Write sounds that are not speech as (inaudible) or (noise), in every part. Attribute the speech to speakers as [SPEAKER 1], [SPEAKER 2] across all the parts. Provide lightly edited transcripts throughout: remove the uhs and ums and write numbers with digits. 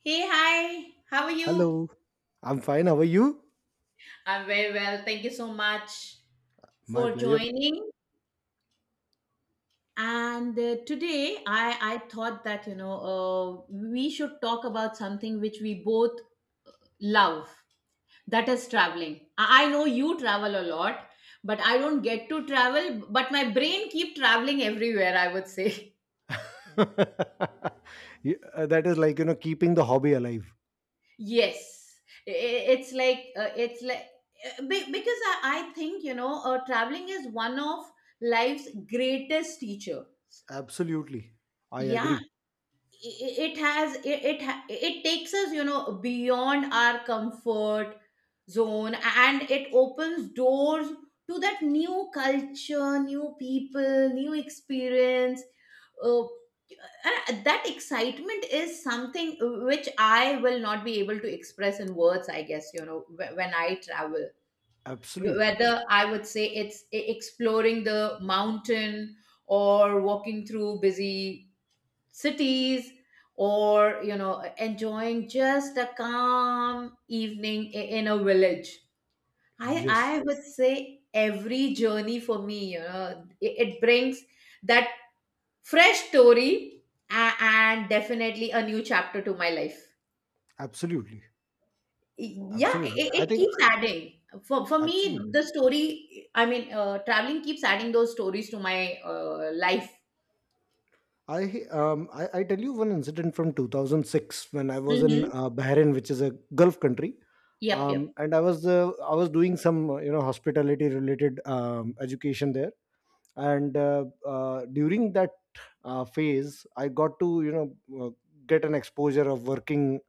[SPEAKER 1] Hey, hi, how are
[SPEAKER 2] Hello,
[SPEAKER 1] you?
[SPEAKER 2] I'm fine. How are you?
[SPEAKER 1] I'm very well. Thank you so much
[SPEAKER 2] My
[SPEAKER 1] for
[SPEAKER 2] pleasure.
[SPEAKER 1] joining. And today I thought that, we should talk about something which we both love, that is traveling. I know you travel a lot, but I don't get to travel, but my brain keep traveling everywhere, I would say. (laughs)
[SPEAKER 2] (laughs) Yeah, that is like, keeping the hobby alive.
[SPEAKER 1] Yes, I- it's like be- because I think traveling is one of life's greatest teacher.
[SPEAKER 2] Absolutely. I
[SPEAKER 1] Yeah,
[SPEAKER 2] agree.
[SPEAKER 1] I- it has it it, ha- it takes us, you know, beyond our comfort zone, and it opens doors to that new culture, new people, new experience. Uh, that excitement is something which I will not be able to express in words, I guess, you know, when I travel.
[SPEAKER 2] Absolutely.
[SPEAKER 1] Whether I would say it's exploring the mountain or walking through busy cities, or, you know, enjoying just a calm evening in a village. I,
[SPEAKER 2] Yes.
[SPEAKER 1] I would say every journey for me, you know, it brings that fresh story and definitely a new chapter to my life.
[SPEAKER 2] Absolutely.
[SPEAKER 1] Yeah,
[SPEAKER 2] Absolutely. I
[SPEAKER 1] it
[SPEAKER 2] think
[SPEAKER 1] keeps adding. For me,
[SPEAKER 2] absolutely.
[SPEAKER 1] the story, I mean, traveling keeps adding those stories to my life.
[SPEAKER 2] I tell you one incident from 2006 when I was in
[SPEAKER 1] Hmm.
[SPEAKER 2] Bahrain, which is a Gulf country,
[SPEAKER 1] Yep, yep.
[SPEAKER 2] and I was doing some hospitality related education there, and during that phase I got to get an exposure of working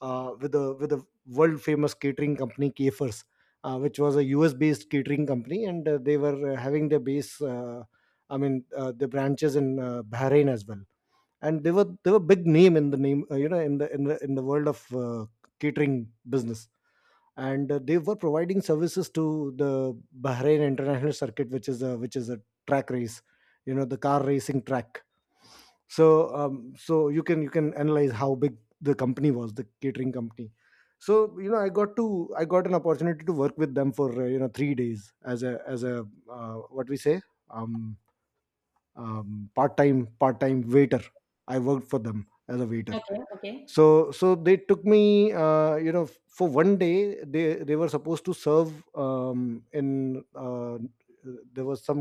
[SPEAKER 2] with a world famous catering company kfers, which was a US based catering company, and they were having their base I mean, the branches in Bahrain as well. And they were big name in the name, in the in the world of catering business. And they were providing services to the Bahrain International Circuit, which is a track race, the car racing track. So you can analyze how big the company was, the catering company. So I got an opportunity to work with them for 3 days, as a what we say um, part time waiter. I worked for them as a waiter.
[SPEAKER 1] Okay, okay.
[SPEAKER 2] So they took me for one day. They were supposed to serve, in, there was some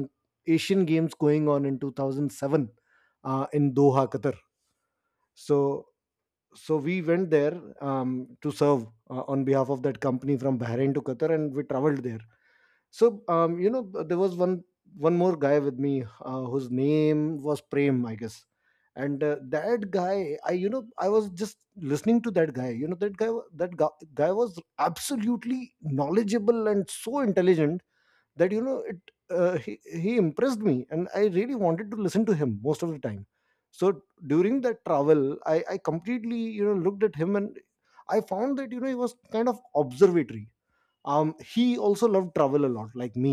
[SPEAKER 2] Asian games going on in 2007 in Doha, Qatar. So so we went there, to serve on behalf of that company, from Bahrain to Qatar, and we traveled there. So there was one more guy with me, whose name was Prem, I guess. And that guy, I was just listening to that guy. That guy was absolutely knowledgeable and so intelligent that you know it. He impressed me, and I really wanted to listen to him most of the time. So during that travel, I completely looked at him, and I found that he was kind of observatory. He also loved travel a lot, like me,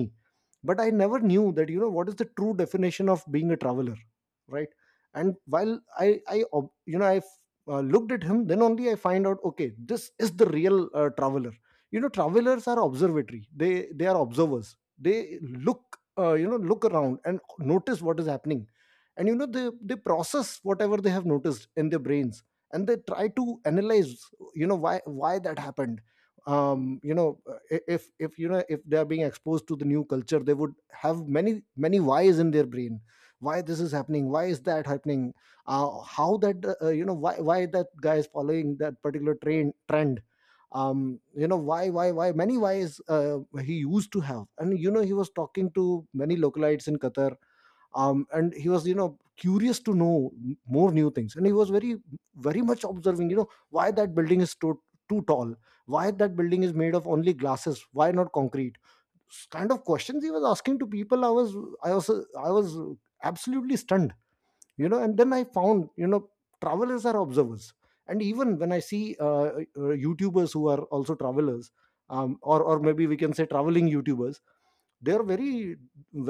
[SPEAKER 2] but I never knew that you know what is the true definition of being a traveler, right? And while I ob- you know I looked at him, then only I find out, okay, this is the real traveler. Travelers are observatory. They are observers. They look you know look around and notice what is happening. And they process whatever they have noticed in their brains. And they try to analyze why that happened. If you know if they are being exposed to the new culture, they would have many many whys in their brain. Why this is happening? Why is that happening? How that why that guy is following that particular train trend. You know why Many whys he used to have. And he was talking to many localites in Qatar. And he was curious to know more new things. And he was very much observing why that building is too tall. Why that building is made of only glasses? Why not concrete? Kind of questions he was asking to people. I was absolutely stunned. And then I found, travelers are observers. And even when I see YouTubers who are also travelers, or maybe we can say traveling YouTubers. They are very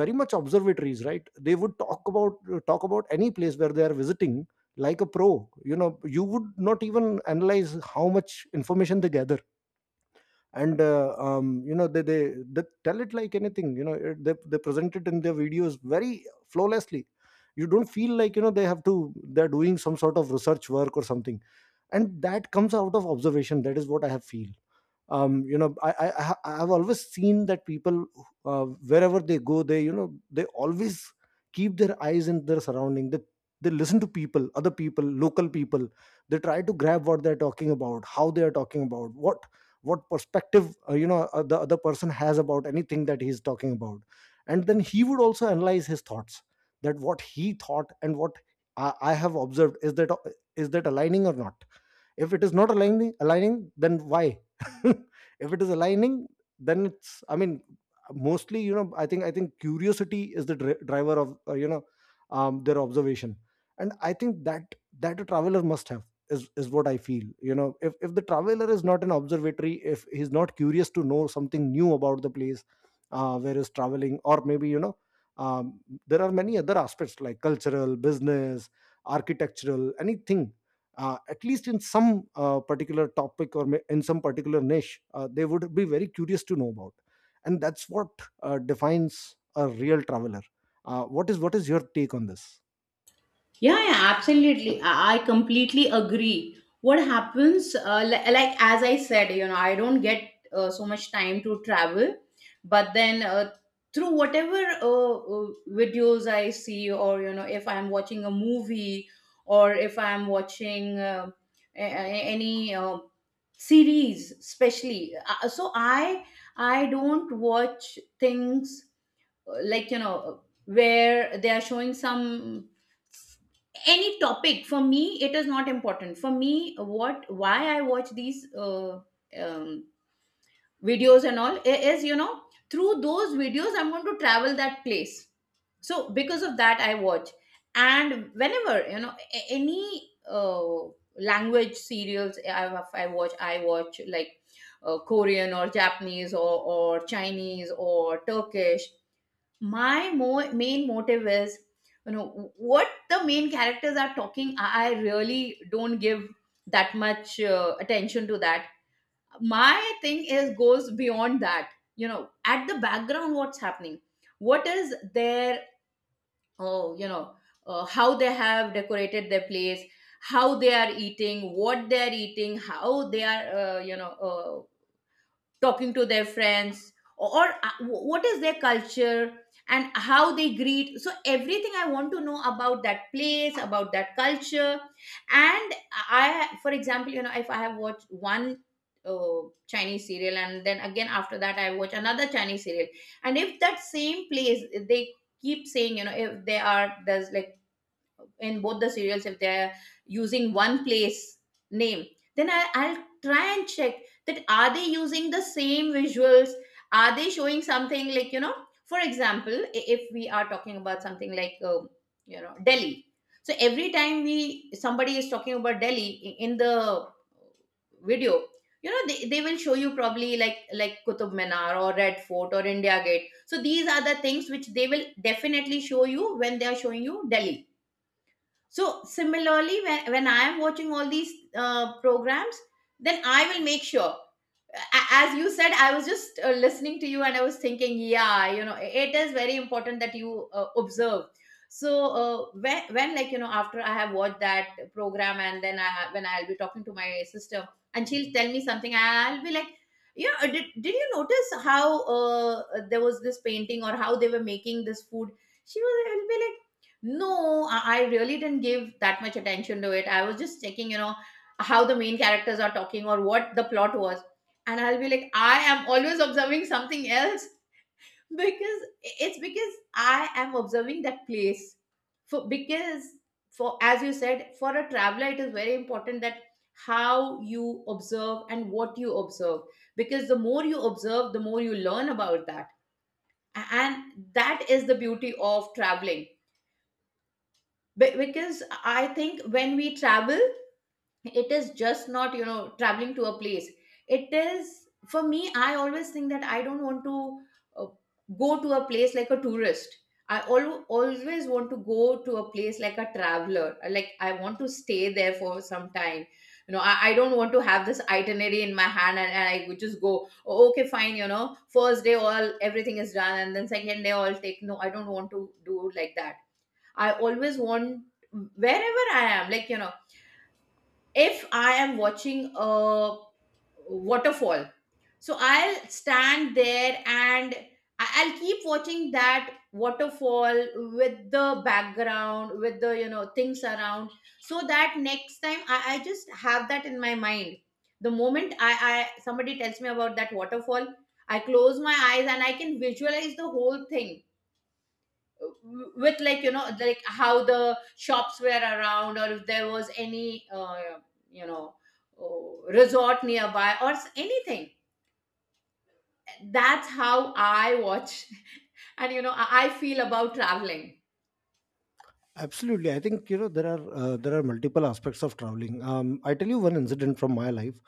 [SPEAKER 2] very much observatories, right? They would talk about any place where they are visiting, like a pro. You would not even analyze how much information they gather. And they tell it like anything, you know it. They present it in their videos very flawlessly. You don't feel like you know they have to they're doing some sort of research work or something. And that comes out of observation. That is what I have feel. I have always seen that people, uh, wherever they go, they you know they always keep their eyes in their surrounding. They listen to people, other people, local people. They try to grab what they're talking about, how they are talking about, what perspective the other person has about anything that he's talking about. And then he would also analyze his thoughts, that what he thought and what I have observed is that aligning or not. If it is not aligning, then why? (laughs) If it is aligning, then it's, I mean, mostly, I think curiosity is the driver of their observation. And I think that that a traveler must have is what I feel. If the traveler is not an observatory, if he's not curious to know something new about the place where he's traveling. Or maybe um, there are many other aspects like cultural, business, architectural, anything. At least in some particular topic, or in some particular niche, they would be very curious to know about. And that's what defines a real traveler. What is your take on this?
[SPEAKER 1] Yeah, yeah, absolutely. I completely agree. What happens, like as I said, you know, I don't get so much time to travel, but then, through whatever uh, uh, videos I see, or, you know, if I'm watching a movie, or if I'm watching any series, especially, so I don't watch things like, you know, where they are showing some any topic. For me it is not important. For me, what, why I watch these um, videos and all is, you know, through those videos I'm going to travel that place. So because of that I watch. And whenever, you know, any language serials, I watch, I watch like Korean or Japanese, or Chinese or Turkish. My main motive is, you know, what the main characters are talking. I really don't give that much attention to that. My thing is goes beyond that. You know, at the background, what's happening, what is their, oh, you know, how they have decorated their place, how they are eating, what they are eating, how they are, you know, talking to their friends, or, what is their culture, and how they greet. So everything I want to know about that place, about that culture. And I, for example, you know, if I have watched one uh, Chinese serial, and then again after that I watch another Chinese serial, and if that same place they keep saying, you know, if they are, there's like in both the serials, if they're using one place name, then I, I'll try and check that are they using the same visuals, are they showing something. Like, you know, for example, if we are talking about something like, you know, Delhi. So every time, we, somebody is talking about Delhi in the video, you know, they will show you probably like Qutub Minar or Red Fort or India Gate. So these are the things which they will definitely show you when they are showing you Delhi. So similarly, when I am watching all these programs, then I will make sure, as you said. I was just listening to you and I was thinking, yeah, you know, it is very important that you observe. So when, like, you know, after I have watched that program and then when I'll be talking to my sister and she'll tell me something, I'll be like, yeah, did you notice how, there was this painting, or how they were making this food. She was, will be like, no, I really didn't give that much attention to it. I was just checking, you know, how the main characters are talking, or what the plot was. And I'll be like, I am always observing something else, because it's because I am observing that place. For because, for, as you said, for a traveler, it is very important that how you observe and what you observe, because the more you observe, the more you learn about that. And that is the beauty of traveling. Because I think when we travel, it is just not, you know, traveling to a place. It is, for me, I always think that I don't want to, uh, go to a place like a tourist. I always want to go to a place like a traveler. Like, I want to stay there for some time. You know, I don't want to have this itinerary in my hand, and I would just go, "Oh, okay, fine, you know, first day all, everything is done, and then second day all, take." No, I don't want to do like that. I always want, wherever I am, like, you know, if I am watching a waterfall, so I'll stand there, and I'll keep watching that waterfall with the background, with the, you know, things around, so that next time I just have that in my mind. The moment I, somebody tells me about that waterfall, I close my eyes and I can visualize the whole thing with, like, you know, like, how the shops were around, or if there was any you know, oh, resort nearby, or anything. That's how I watch. (laughs) And you know, I feel about traveling.
[SPEAKER 2] Absolutely, I think there are multiple aspects of traveling. I tell you one incident from my life.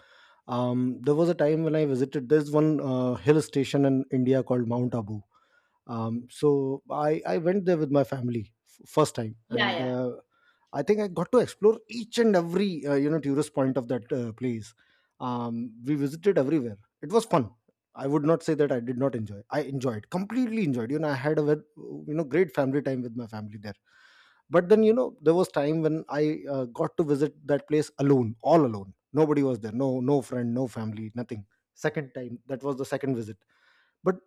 [SPEAKER 2] There was a time when I visited this one hill station in India called Mount Abu. So I went there with my family, first time,
[SPEAKER 1] Yeah,
[SPEAKER 2] and
[SPEAKER 1] yeah.
[SPEAKER 2] I think I got to explore each and every tourist point of that place. We visited everywhere. It was fun. I would not say that I did not enjoy. I enjoyed completely enjoyed. I had a great family time with my family there. But then there was time when I got to visit that place alone, all alone. Nobody was there. No, no friend, no family, nothing. Second time, that was the second visit. But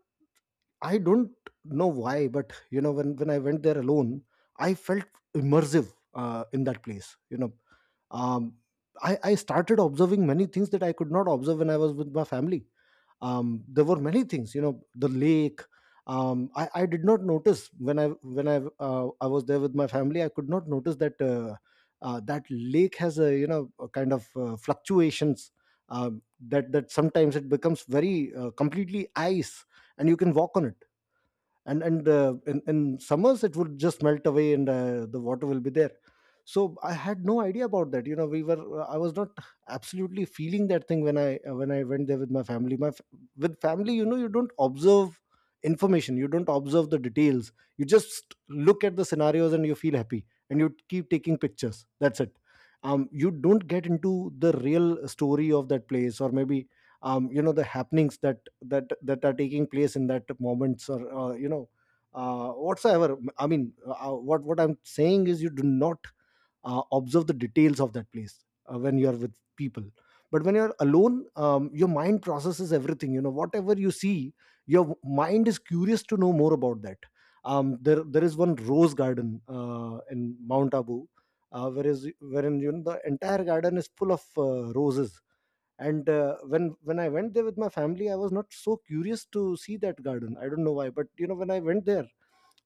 [SPEAKER 2] I don't know why, but when I went there alone, I felt immersive in that place. Um, I started observing many things that I could not observe when I was with my family. There were many things, you know, the lake. I did not notice when I was there with my family. I could not notice that that lake has a you know a kind of fluctuations. That sometimes it becomes very completely ice, and you can walk on it. And in summers it would just melt away, and the water will be there. So I had no idea about that. You know we were I was not absolutely feeling that thing when I went there with my family, with family. You don't observe information. You don't observe the details. You just look at the scenarios, and you feel happy, and you keep taking pictures. That's it. You don't get into the real story of that place, or maybe the happenings that are taking place in that moments, or whatsoever. I mean, what I'm saying is, you do not observe the details of that place when you are with people. But when you're alone, your mind processes everything, whatever you see. Your mind is curious to know more about that. There is one rose garden in Mount Abu, whereas wherein, the entire garden is full of roses. And when I went there with my family, I was not so curious to see that garden. I don't know why, but when I went there,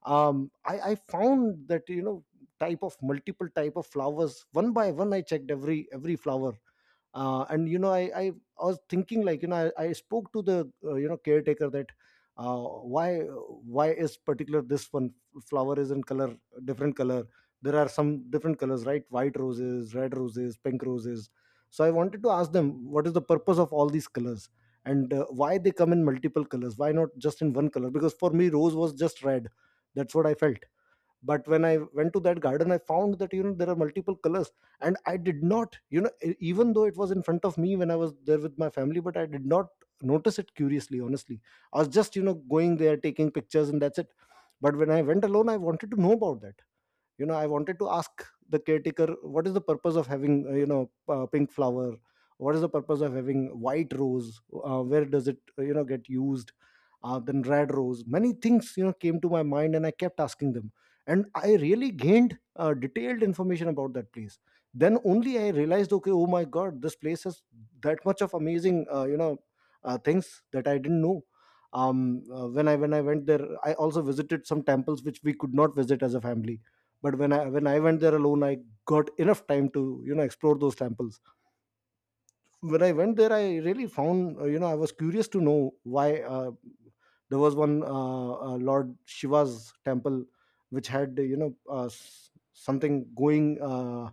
[SPEAKER 2] I found that you know type of multiple type of flowers. One by one, I checked every flower. And I was thinking, like I spoke to the caretaker, that why is particular this one flower is in color, different color. There are some different colors, right? White roses, red roses, pink roses. So I wanted to ask them, what is the purpose of all these colors. And why they come in multiple colors, why not just in one color, because for Me, rose was just red. That's what I felt. But when I went to that garden, I found that there are multiple colors, and I did not even though it was in front of me when I was there with my family, but I did not notice it curiously, honestly. I was just going there, taking pictures, and that's it. But when I went alone, I wanted to know about that. I wanted to ask the caretaker what is the purpose of having pink flower, what is the purpose of having white rose, where does it get used, then red rose. Many things came to my mind, and I kept asking them. And I really gained detailed information about that place. Then only I realized, okay, oh my god, this place has that much of amazing things that I didn't know. When I went there, I also visited some temples which we could not visit as a family. But when I went there alone, I got enough time to explore those temples. When I went there, I really found I was curious to know why there was one Lord Shiva's temple which had something going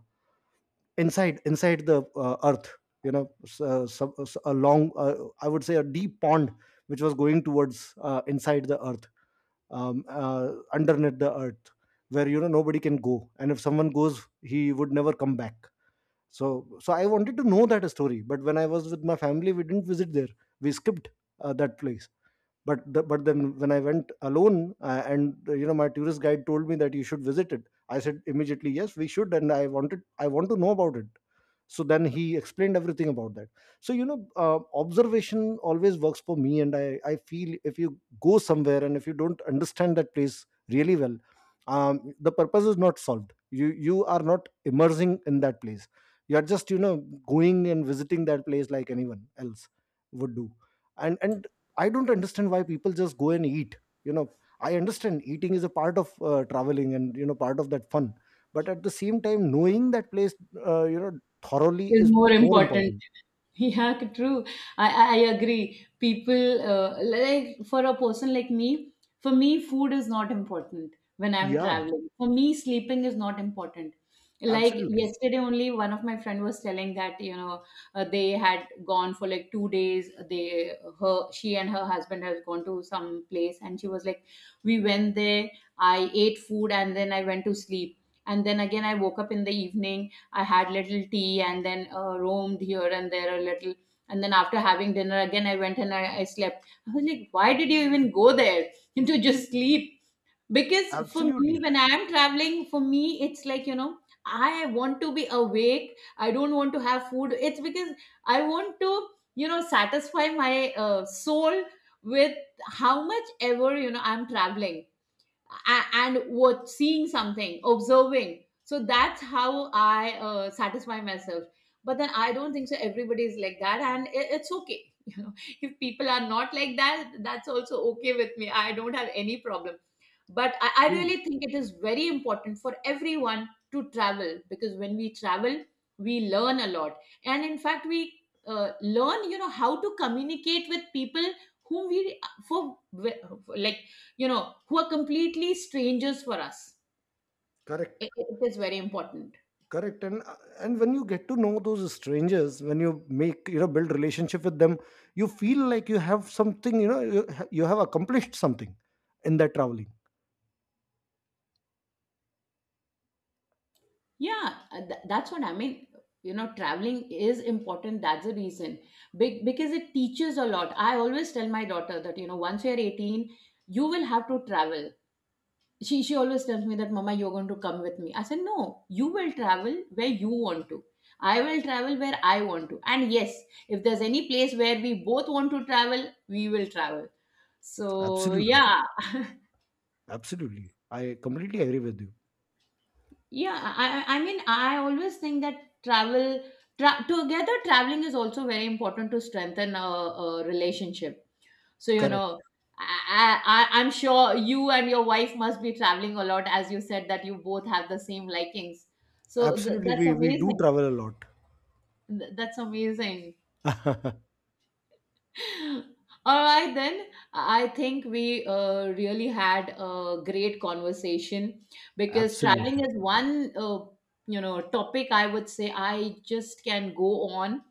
[SPEAKER 2] inside the earth. A long, I would say, a deep pond which was going towards, inside the earth, underneath the earth, where nobody can go, and if someone goes, he would never come back. So I wanted to know that story, but when I was with my family, we didn't visit there. We skipped that place. But then when I went alone, and my tourist guide told me that you should visit it. I said immediately, yes, we should, and I want to know about it. So then he explained everything about that. So observation always works for me, and I feel if you go somewhere and if you don't understand that place really well, the purpose is not solved. You are not immersing in that place. You are just going and visiting that place like anyone else would do. And I don't understand why people just go and eat, you know I understand eating is a part of traveling and part of that fun, but at the same time, knowing that place uh, you know thoroughly
[SPEAKER 1] Is
[SPEAKER 2] is
[SPEAKER 1] more
[SPEAKER 2] more
[SPEAKER 1] important.
[SPEAKER 2] important.
[SPEAKER 1] (laughs) Yeah, true. I agree. People, like, for a person like me, for me, food is not important when I'm
[SPEAKER 2] Yeah,
[SPEAKER 1] traveling. For me, sleeping is not important. Like
[SPEAKER 2] absolutely,
[SPEAKER 1] yesterday only, one of my friend was telling that, you know, they had gone for like 2 days. They, her, she and her husband has gone to some place, and she was like, we went there. I ate food, and then I went to sleep. And then again I woke up in the evening. I had little tea, and then roamed here and there a little. And then after having dinner again, I went and I slept. I was like, why did you even go there (laughs) to just sleep? Because for me,
[SPEAKER 2] absolutely.
[SPEAKER 1] when I am traveling, for me, it's like, you know, I want to be awake. I don't want to have food. It's because I want to, you know, satisfy my soul with how much ever, you know, I'm traveling and what, seeing something, observing. So that's how I satisfy myself. But then I don't think so everybody is like that, and it's okay. (laughs) You know, if people are not like that, that's also okay with me. I don't have any problem. But I
[SPEAKER 2] True,
[SPEAKER 1] really think it is very important for everyone to travel, because when we travel we learn a lot. And in fact we, learn, you know, how to communicate with people whom we, for, like, you know, who are completely strangers for us.
[SPEAKER 2] correct,
[SPEAKER 1] It is very important.
[SPEAKER 2] correct. And when you get to know those strangers, when you make, build relationship with them, you feel like you have something. You know, you have accomplished something in that traveling.
[SPEAKER 1] Yeah, that's what I mean. You know, traveling is important. That's the reason. Because it teaches a lot. I always tell my daughter that, you know, once you're 18, you will have to travel. She always tells me that, mama, you're going to come with me. I said, no, you will travel where you want to, I will travel where I want to. And yes, if there's any place where we both want to travel, we will travel. So
[SPEAKER 2] Absolutely,
[SPEAKER 1] yeah.
[SPEAKER 2] absolutely. I completely agree with you.
[SPEAKER 1] (laughs) Yeah, I mean, I always think that travel together traveling is also very important to strengthen a relationship. So, you
[SPEAKER 2] Correct.
[SPEAKER 1] know, I'm sure you and your wife must be traveling a lot, as you said that you both have the same likings. So
[SPEAKER 2] Absolutely,
[SPEAKER 1] that's
[SPEAKER 2] we do
[SPEAKER 1] amazing.
[SPEAKER 2] travel a lot.
[SPEAKER 1] That's amazing.
[SPEAKER 2] (laughs)
[SPEAKER 1] (laughs) All right, then. I think we really had a great conversation, because traveling
[SPEAKER 2] Absolutely,
[SPEAKER 1] is one, you know, topic I would say I just can go on,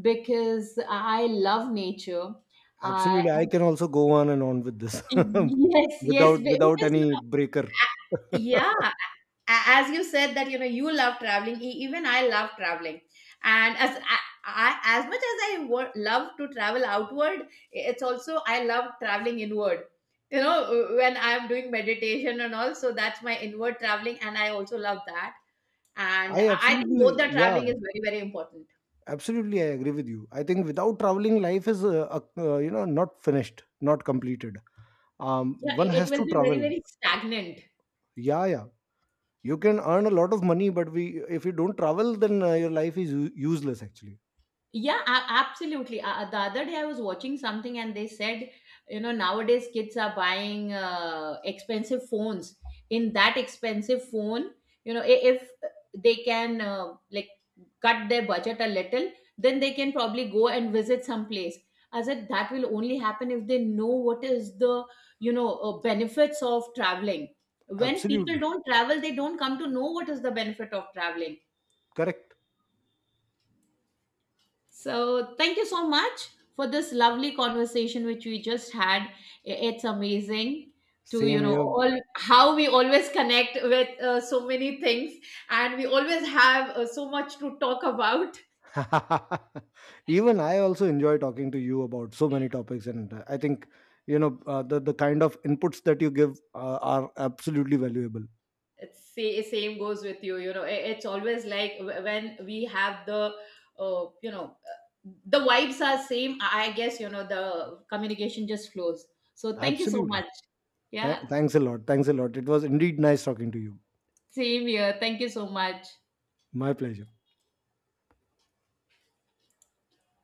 [SPEAKER 1] because I love nature. I,
[SPEAKER 2] absolutely.
[SPEAKER 1] I
[SPEAKER 2] I can also go on and on with this.
[SPEAKER 1] (laughs)
[SPEAKER 2] (laughs)
[SPEAKER 1] Yes, yes,
[SPEAKER 2] Without
[SPEAKER 1] because you.
[SPEAKER 2] any breaker. (laughs)
[SPEAKER 1] Yeah, as you said that, you know, you love traveling, e- even I love traveling. And as I, as much as I love to travel outward, it's also I love traveling inward. You know, when I'm doing meditation and all, so that's my inward traveling, and I also love that. And
[SPEAKER 2] I
[SPEAKER 1] I think
[SPEAKER 2] absolutely,
[SPEAKER 1] both the
[SPEAKER 2] yeah,
[SPEAKER 1] traveling is very very important.
[SPEAKER 2] Absolutely, I agree with you. I think without traveling, life is, not finished, not completed.
[SPEAKER 1] Yeah,
[SPEAKER 2] One
[SPEAKER 1] it
[SPEAKER 2] has
[SPEAKER 1] will
[SPEAKER 2] to
[SPEAKER 1] be very
[SPEAKER 2] travel.
[SPEAKER 1] very stagnant.
[SPEAKER 2] Yeah, yeah. You can earn a lot of money, but if you don't travel, then your life is useless, actually.
[SPEAKER 1] Yeah, absolutely. The other day I was watching something and they said, you know, nowadays kids are buying expensive phones. In that expensive phone, you know, if they can, like, cut their budget a little, then they can probably go and visit some place. I said that will only happen if they know what is the, you know, benefits of traveling. When people
[SPEAKER 2] Absolutely,
[SPEAKER 1] don't travel, they don't come to know what is the benefit of traveling.
[SPEAKER 2] correct.
[SPEAKER 1] So, thank you so much for this lovely conversation which we just had. It's amazing to, you
[SPEAKER 2] Same
[SPEAKER 1] know,
[SPEAKER 2] here.
[SPEAKER 1] all how we always connect with so many things, and we always have so much to talk about.
[SPEAKER 2] (laughs) Even I also enjoy talking to you about so many topics, and I think the kind of inputs that you give are absolutely valuable.
[SPEAKER 1] It's say, same goes with you. You know, it's always like, when we have the the vibes are same. I guess, you know, the communication just flows. So, thank you so
[SPEAKER 2] Absolutely.
[SPEAKER 1] much. Yeah,
[SPEAKER 2] Thanks a lot. Thanks a lot. It was indeed nice talking to you.
[SPEAKER 1] same here. Thank you so much.
[SPEAKER 2] My pleasure.